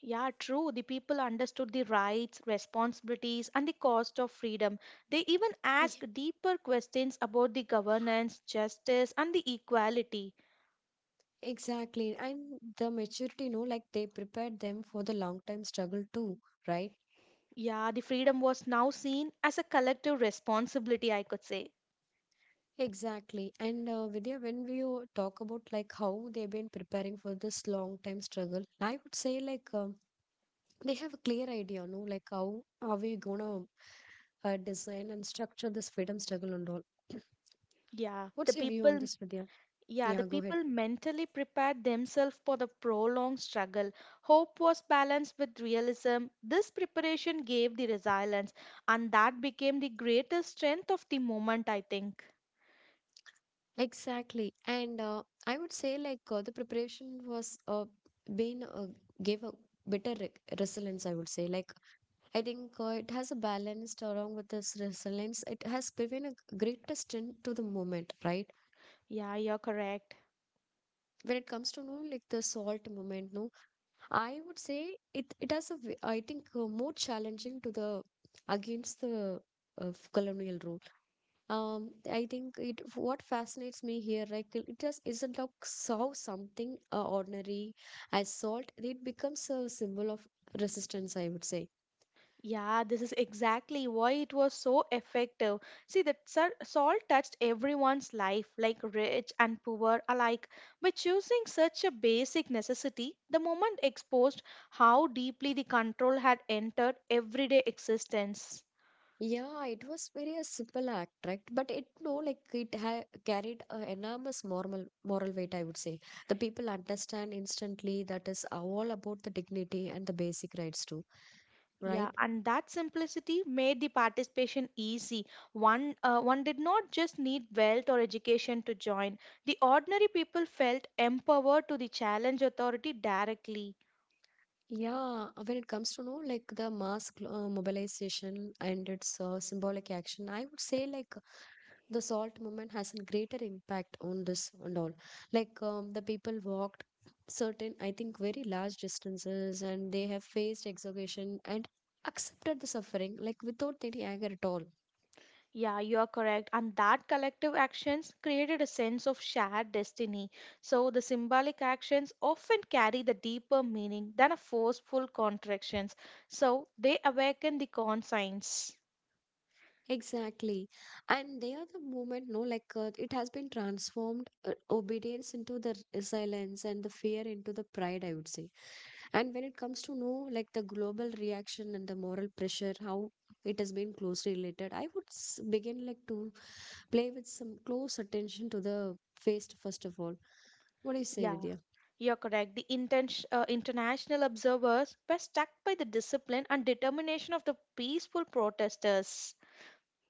B: Yeah, true. The people understood the rights, responsibilities, and the cost of freedom. They even
A: Yeah.
B: asked deeper questions about the governance, justice, and the equality.
A: Exactly. And the maturity, no, like they prepared them for the long-term struggle too, right?
B: Yeah, the freedom was now seen as a collective responsibility, I could say.
A: Exactly. And Vidya, when we talk about like how they've been preparing for this long time struggle, I would say like they have a clear idea, no? Like how are we gonna design and structure this freedom struggle and all.
B: Yeah, the
A: What's your view on
B: people
A: this, Vidya?
B: yeah, the
A: Yeah, go ahead.
B: people mentally prepared themselves for the prolonged struggle. Hope was balanced with realism. This preparation gave the resilience, and that became the greatest strength of the moment, I think.
A: Exactly. And I would say like the preparation was been gave a better re resilience, I would say. Like I think it has a balanced along with its resilience. It has given a greatest strength to the moment, right?
B: Yeah, you're correct.
A: When it comes to know like the salt moment, no, I would say it has a I think more challenging to the against the colonial rule. I think it what fascinates me here, like it just isn't like so something ordinary as salt. It becomes a symbol of resistance, I would say.
B: Yeah, this is exactly why it was so effective. See, that salt touched everyone's life, like rich and poor alike. By choosing such a basic necessity, the moment exposed how deeply the control had entered everyday existence.
A: Yeah, it was very a simple act, right? But it no, like it ha carried a enormous moral weight, I would say. The people understand instantly that is all about the dignity and the basic rights too,
B: Yeah,
A: right?
B: and that simplicity made the participation easy. One did not just need wealth or education to join. The ordinary people felt empowered to the challenge authority directly.
A: Yeah, when it comes to know like the mobilization and its symbolic action, I would say like the salt movement has a greater impact on this and all. Like the people walked certain, I think, very large distances, and they have faced exhaustion and accepted the suffering like without any anger at all.
B: Yeah, you are correct. And that collective actions created a sense of shared destiny. So the symbolic actions often carry the deeper meaning than a forceful contractions. So they awaken the conscience.
A: Exactly, and they are the movement. No, like it has been transformed obedience into the silence, and the fear into the pride. I would say. And when it comes to know, like, the global reaction and the moral pressure, how it has been closely related, begin like to play with some close attention to the face, first of all. What do you say,
B: Yeah,
A: Vidya?
B: you're correct. The international observers were struck by the discipline and determination of the peaceful protesters.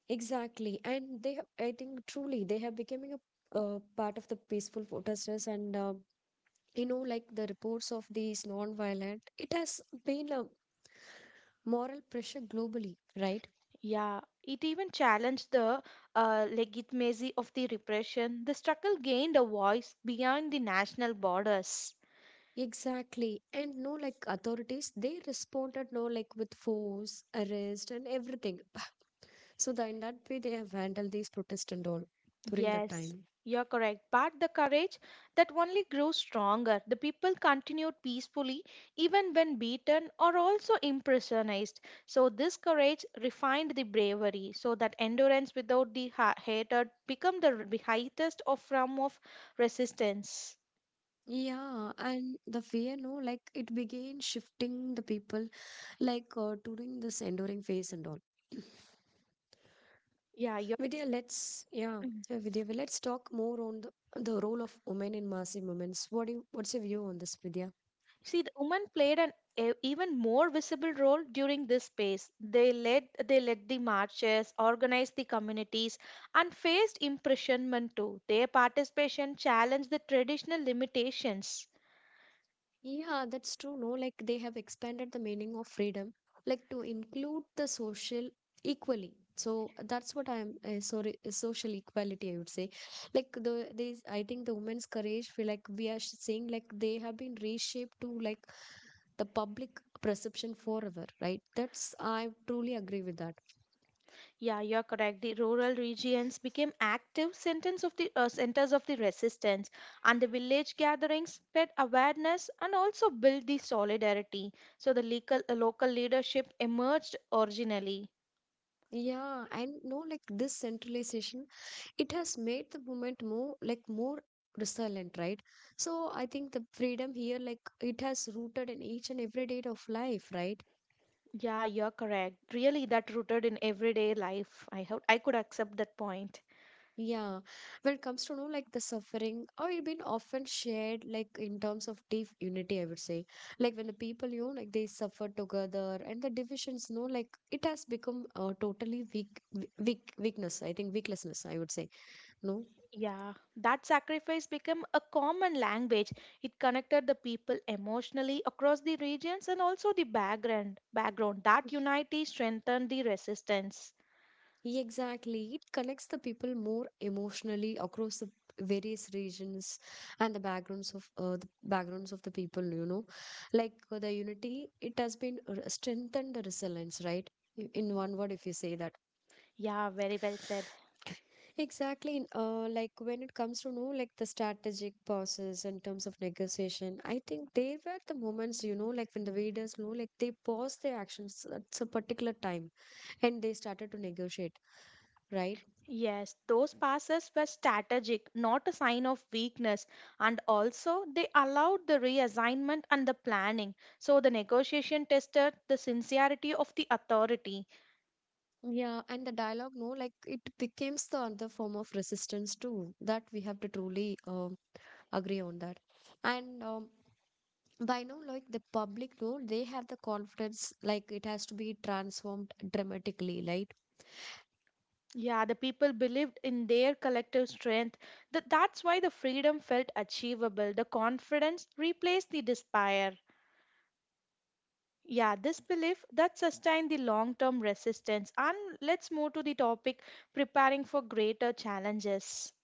A: Exactly, and they have, I think truly they have becoming a part of the peaceful protesters, and like the reports of these non-violent, it has been a moral pressure globally, right?
B: Yeah, it even challenged the legitimacy of the repression. The struggle gained a voice beyond the national borders.
A: Exactly. And no, like authorities, they responded no, like with force, arrest, and everything. So that in that way, they have handled these protests and all during that
B: Yes,
A: time.
B: you're correct. But the courage that only grows stronger. The people continued peacefully even when beaten or also impressionized. So this courage refined the bravery so that endurance without the hatred become the highest of form of resistance.
A: Yeah, and the fear, no, like it began shifting the people, like during this enduring phase and all.
B: Yeah, you
A: Vidya, let's yeah. Vidya, well, let's talk more on the role of women in massive movements. What's your view on this, Vidya?
B: see, the women played an even more visible role during this phase. They led the marches, organized the communities, and faced imprisonment too. Their participation challenged the traditional limitations.
A: Yeah, that's true. No, like they have expanded the meaning of freedom, like to include the social equally. So that's what I'm, sorry, social equality. I would say, like the these. I think the women's courage. We are saying like they have been reshaped to like the public perception forever, right? That's, I truly agree with that.
B: Yeah, you're correct. The rural regions became active centers of the resistance, and the village gatherings spread awareness and also built the solidarity. So the legal, local leadership emerged originally.
A: Yeah, and no, like this centralization, it has made the movement more like more resilient, right? So I think the freedom here, like, it has rooted in each and every day of life, right?
B: Yeah, you're correct. Really, that rooted in everyday life. I hope I could accept that point.
A: Yeah, when it comes to know, like the suffering, or it been often shared like in terms of deep unity, I would say, like when the people, like they suffer together, and the divisions, no, like it has become totally weak, weakness, I think, weaklessness, I would say. No.
B: Yeah, that sacrifice became a common language. It connected the people emotionally across the regions and also the background. Background that unity strengthened the resistance.
A: Yeah, exactly. It connects the people more emotionally across the various regions and the backgrounds of the people. Like, the unity, it has been strengthened the resilience, right? In one word, if you say that,
B: Yeah, very well said.
A: exactly. Like when it comes to know, like the strategic pauses in terms of negotiation, I think they were the moments. You know, like when the leaders know like they paused their actions at a particular time and they started to negotiate, right?
B: Yes, those passes were strategic, not a sign of weakness, and also they allowed the reassignment and the planning. So the negotiation tested the sincerity of the authority.
A: Yeah, and the dialogue, no, like it becomes the other form of resistance too. That we have to truly, agree on that. And by now, like the public, no, they have the confidence, like it has to be transformed dramatically, right?
B: Yeah, the people believed in their collective strength. That's why the freedom felt achievable. The confidence replaced the despair. Yeah, this belief that sustained the long term resistance. And let's move to the topic preparing for greater challenges.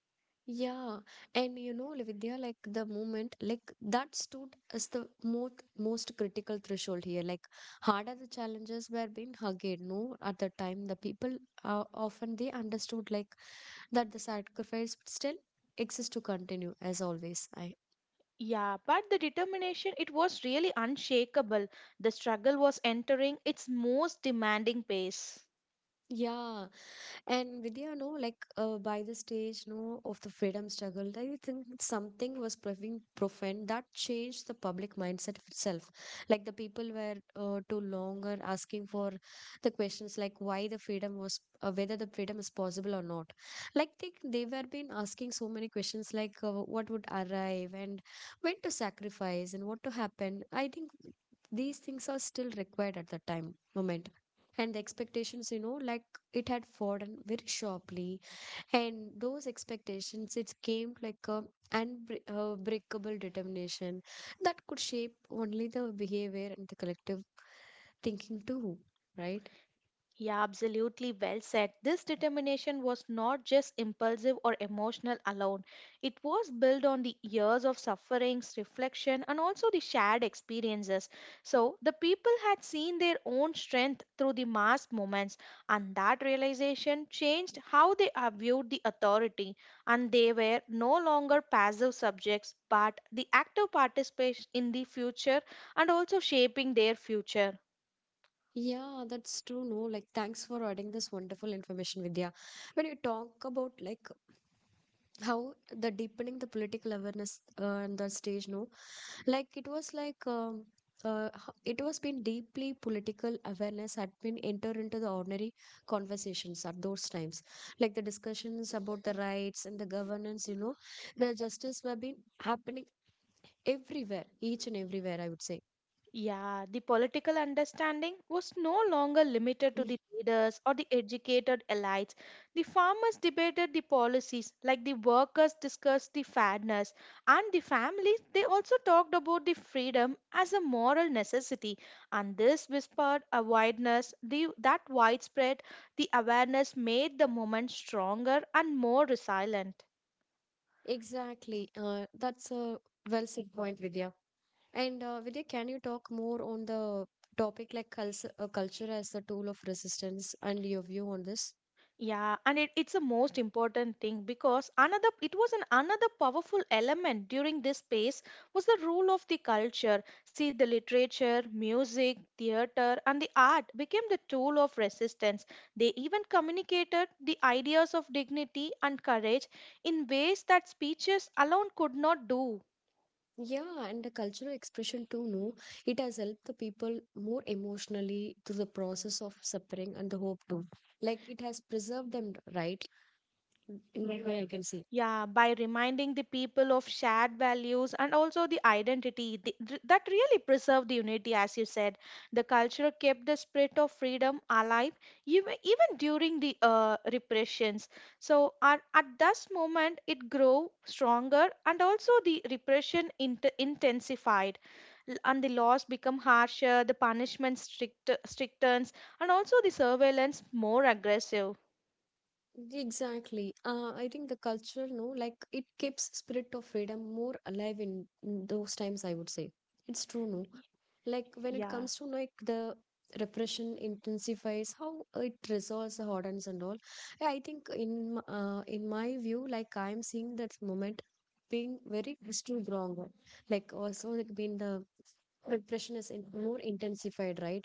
A: Yeah, and Vidya, like the moment, like that stood as the most critical threshold here. Like harder the challenges were being hugged, no, at the time the people often they understood like that the sacrifice still exists to continue as always I
B: Yeah, but the determination, it was really unshakable. The struggle was entering its most demanding pace.
A: yeah. And Vidya, no, like by the stage, no, of the freedom struggle, I think something was proving profound that changed the public mindset itself. Like the people were too longer asking for the questions, like why the freedom was, whether the freedom is possible or not. Like they were been asking so many questions, like what would arrive and when to sacrifice and what to happen. I think these things are still required at the time moment, and the expectations, like it had fallen very sharply, and those expectations, it came like a unbreakable determination that could shape only the behavior and the collective thinking too, right?
B: Yeah, absolutely well said. This determination was not just impulsive or emotional alone. It was built on the years of sufferings, reflection, and also the shared experiences. So the people had seen their own strength through the mass movements, and that realization changed how they viewed the authority. And they were no longer passive subjects, but the active participants in the future and also shaping their future.
A: Yeah, that's true, no, like thanks for adding this wonderful information, Vidya. When you talk about, like, how the deepening the political awareness, and the stage, no, like it was like, it was been deeply political awareness had been enter into the ordinary conversations at those times. Like the discussions about the rights and the governance, the justice were been happening everywhere, each and everywhere, I would say.
B: Yeah, the political understanding was no longer limited to
A: Mm.
B: the leaders or the educated elites. The farmers debated the policies, like the workers discussed the fairness, and the families they also talked about the freedom as a moral necessity. And this whispered awareness, that widespread, the awareness made the movement stronger and more resilient.
A: Exactly, that's a well said point, Vidya. And Vidya, can you talk more on the topic like culture as a tool of resistance, and your view on this?
B: Yeah, and it's the most important thing because another it was an another powerful element during this space was the role of the culture. See, the literature, music, theater, and the art became the tool of resistance. They even communicated the ideas of dignity and courage in ways that speeches alone could not do.
A: Yeah, and the cultural expression too, no? It has helped the people more emotionally through the process of suffering and the hope too. Like it has preserved them, right? In that way, I can see.
B: Yeah, by reminding the people of shared values and also the identity that really preserve the unity, as you said. The culture kept the spirit of freedom alive even during the repressions. So, at this moment, it grew stronger and also the repression intensified. And the laws become harsher, the punishment strictens, and also the surveillance more aggressive.
A: Exactly. I think the cultural, no, like it keeps spirit of freedom more alive, in those times, I would say. It's true, no? Like when it
B: Yeah.
A: comes to like the repression intensifies, how it resolves the hardens and all. Yeah, I think in my view, like I'm seeing that moment being very extreme wrong one. Like also, like being the repression is more intensified, right?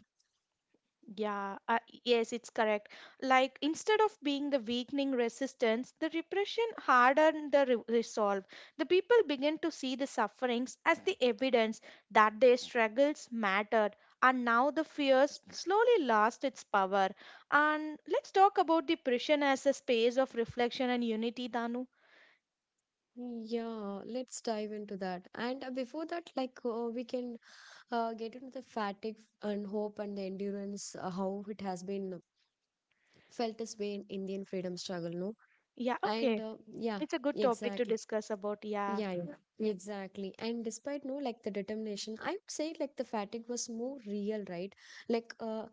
B: Yeah, yes, it's correct. Like instead of being the weakening resistance, the repression hardened the resolve. The people begin to see the sufferings as the evidence that their struggles mattered, and now the fears slowly lost its power. And let's talk about the prison as a space of reflection and unity, Danu.
A: Yeah, let's dive into that. And before that, like we can get into the fatigue and hope and the endurance, how it has been felt this way in Indian freedom struggle, no.
B: Yeah,
A: And
B: okay,
A: yeah,
B: it's a good topic to
A: exactly.
B: discuss about. Yeah.
A: Yeah, yeah, exactly. And despite, no, like the determination, I would say, like the fatigue was more real, right? Like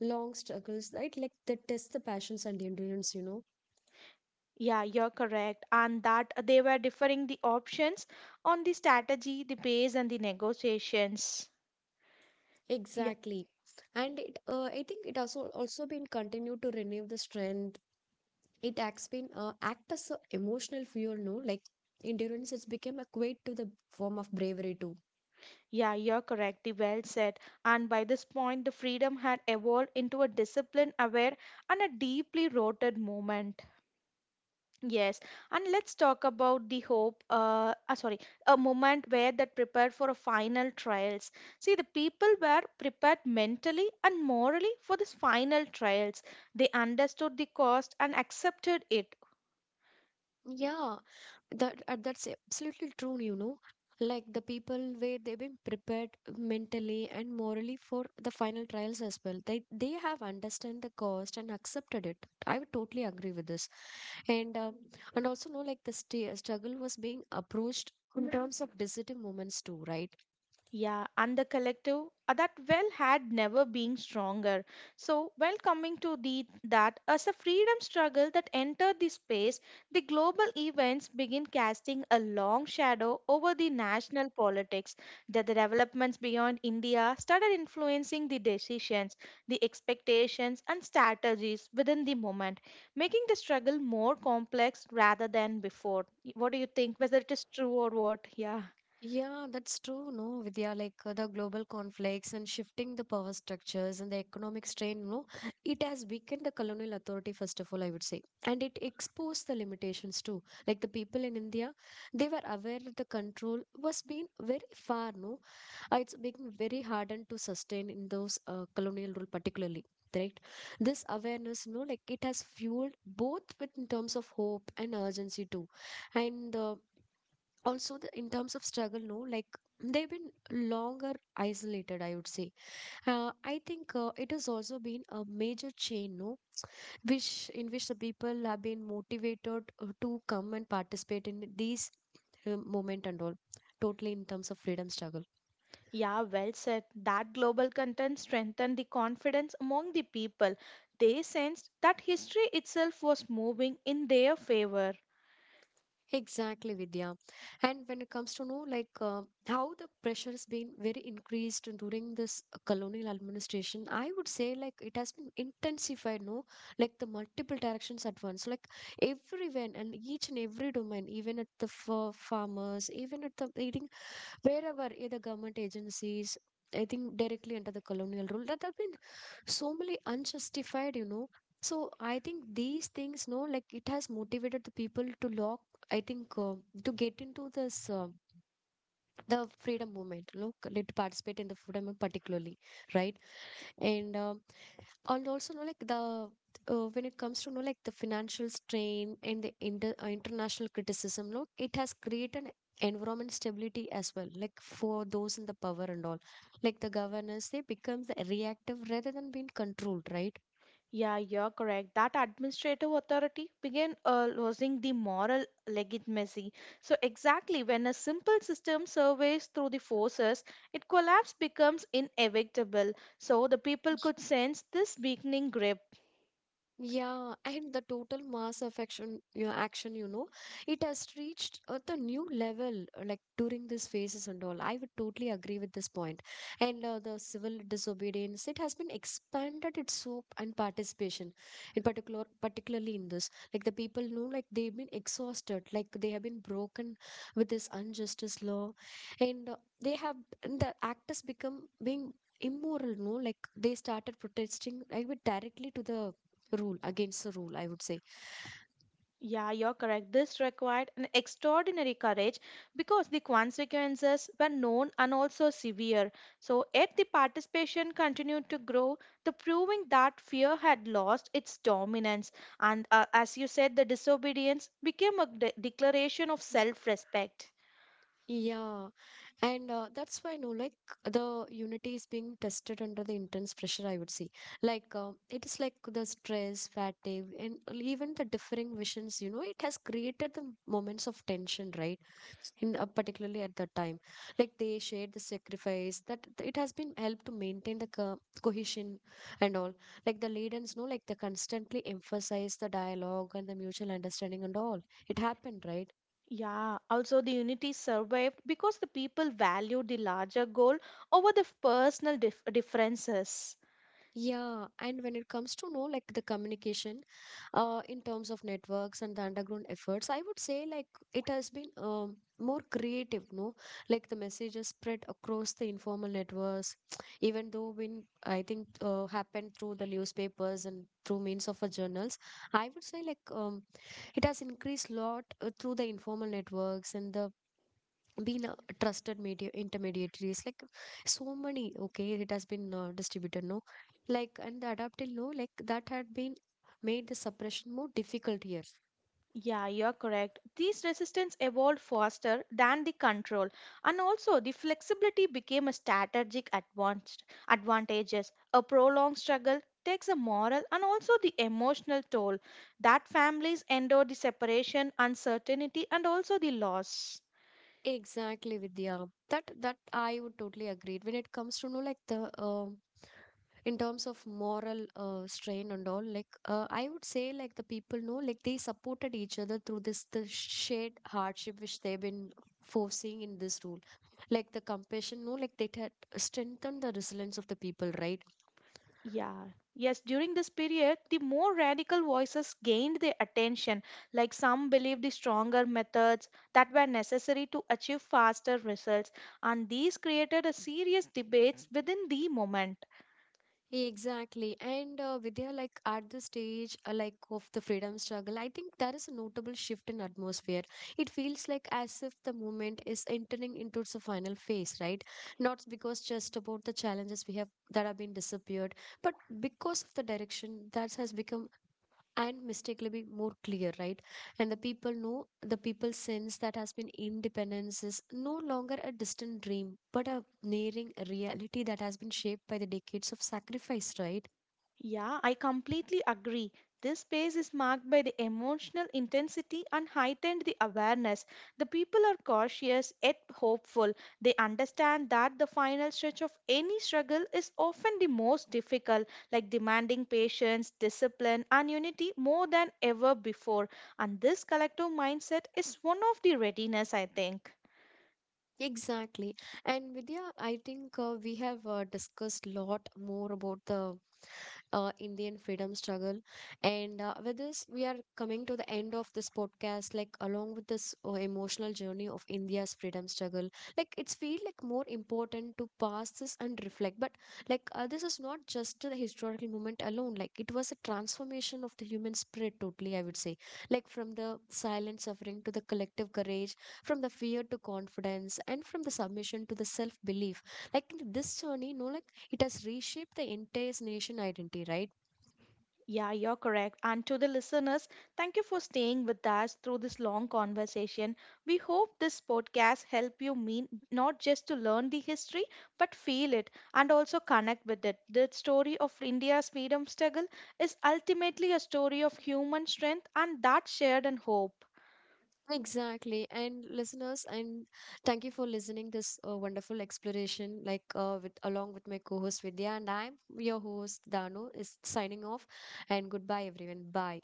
A: long struggles, right? Like they test the passions and the endurance.
B: Yeah, you're correct. And that they were differing the options on the strategy, the pace, and the negotiations. Yeah,
A: Exactly. And it, I think it also been continued to renew the strength. It acts been, act as a emotional fuel, no? Like endurance has become a quite to the form of bravery too.
B: yeah, you're correct. The well said. And by this point, the freedom had evolved into a discipline aware and a deeply rooted movement. Yes, and let's talk about the hope. Ah, sorry, a moment where that prepared for a final trials. See, the people were prepared mentally and morally for this final trials. They understood the cost and accepted it.
A: Yeah, that's absolutely true, like the people where they've been prepared mentally and morally for the final trials as well. They have understand the cost and accepted it. I would totally agree with this. And and also know, like the struggle was being approached in terms of decision moments too, right?
B: Yeah, and the collective that well had never been stronger. So, while coming to the that as a freedom struggle that entered the space, the global events begin casting a long shadow over the national politics. That the developments beyond India started influencing the decisions, the expectations, and strategies within the moment, making the struggle more complex rather than before. What do you think? Whether it is true or what? Yeah.
A: Yeah, that's true, no, Vidya. Like the global conflicts and shifting the power structures and the economic strain, no, it has weakened the colonial authority, first of all, I would say. And it exposed the limitations too. Like the people in India, they were aware that the control was being very far, no. It's being very hardened to sustain in those colonial rule, particularly. Right. This awareness, no, like it has fueled both with in terms of hope and urgency too. And also the, in terms of struggle, no, like they've been longer isolated, I would say. I think it has also been a major chain, no, which in which the people have been motivated to come and participate in these moment and all, totally in terms of freedom struggle.
B: Yeah, well said. That global content strengthened the confidence among the people. They sensed that history itself was moving in their favor.
A: Exactly, Vidya. And when it comes to know, like how the pressure has been very increased during this colonial administration, I would say, like it has been intensified. No, like the multiple directions at once, like everywhere and each and every domain, even at the farmers, even at the wherever either government agencies. I think directly under the colonial rule that have been so many unjustified, so I think these things, no, like it has motivated the people to lock, I think, to get into this, the freedom movement, look to participate in the freedom movement, particularly, right? And also know, like the when it comes to know, like the financial strain and the international criticism, look, it has created environment stability as well, like for those in the power and all. Like the governance, they become the reactive rather than being controlled, right?
B: Yeah, you're correct. That administrative authority began losing the moral legitimacy. So, exactly when a simple system surveys through the forces, its collapse becomes inevitable. So, the people could sense this weakening grip.
A: Yeah, and the total mass affection, action, it has reached the new level, like during these phases and all. I would totally agree with this point. And the civil disobedience, it has been expanded its scope and participation, in particularly in this. Like the people know, like they've been exhausted, like they have been broken with this injustice law, and they have and the act has become being immoral, no, like they started protesting. I would directly to the rule, against the rule, I would say.
B: Yeah, you're correct. This required an extraordinary courage because the consequences were known and also severe. So, yet the participation continued to grow, the proving that fear had lost its dominance. And as you said, the disobedience became a declaration of self respect.
A: Yeah, and that's why, no, like the unity is being tested under the intense pressure, I would say. Like it is like the stress, fatigue, and even the differing visions, it has created the moments of tension, right, in particularly at that time. Like they shared the sacrifice that it has been helped to maintain the cohesion and all. Like the leaders, no, like they constantly emphasize the dialogue and the mutual understanding and all, it happened, right?
B: Yeah, also the unity survived because the people valued the larger goal over the personal differences.
A: Yeah, and when it comes to know, like the communication, in terms of networks and the underground efforts, I would say, like it has been more creative, no? Like the messages spread across the informal networks, even though when I think happened through the newspapers and through means of a journals, I would say, like it has increased lot through the informal networks and the been trusted media intermediaries, like so many, okay, it has been distributed, no, like, and the adaptive law, like that had been made the suppression more difficult here.
B: Yeah, you're correct. These resistance evolved faster than the control, and also the flexibility became a strategic advanced advantages. A prolonged struggle takes a moral and also the emotional toll that families endure the separation, uncertainty, and also the loss.
A: Exactly, Vidya, that I would totally agree. When it comes to, no, like the in terms of moral strain and all, like I would say, like the people know, like they supported each other through this, the shared hardship which they've been forcing in this rule. Like the compassion, no, like they had strengthened the resilience of the people, right?
B: Yeah. Yes, during this period, the more radical voices gained their attention, like some believed the stronger methods that were necessary to achieve faster results, and these created a serious debates within the movement.
A: Exactly. And Vidya, like at the stage, like of the freedom struggle, I think there is a notable shift in atmosphere. It feels like as if the movement is entering into its final phase, right? Not because just about the challenges we have that have been disappeared, but because of the direction that has become and mistakenly be more clear, right? And the people know, the people sense that has been independence is no longer a distant dream but a nearing reality that has been shaped by the decades of sacrifice, right?
B: Yeah, I completely agree. This space is marked by the emotional intensity and heightened the awareness. The people are cautious yet hopeful. They understand that the final stretch of any struggle is often the most difficult, like demanding patience, discipline, and unity more than ever before. And this collective mindset is one of the readiness, I think.
A: Exactly. And Vidya, I think we have discussed a lot more about the Indian freedom struggle. And with this, we are coming to the end of this podcast, like along with this emotional journey of India's freedom struggle. Like it's feel like more important to pass this and reflect. But like this is not just the historical moment alone. Like it was a transformation of the human spirit totally, I would say. Like from the silent suffering to the collective courage, from the fear to confidence, and from the submission to the self belief, like in this journey, like it has reshaped the entire nation identity, right?
B: Yeah, you're correct. And to the listeners, thank you for staying with us through this long conversation. We hope this podcast help you mean not just to learn the history, but feel it and also connect with it. The story of India's freedom struggle is ultimately a story of human strength and that shared and hope.
A: Exactly. And listeners, and thank you for listening this wonderful exploration, like with along with my co-host Vidya, and I'm your host Danu, is signing off, and goodbye everyone, bye.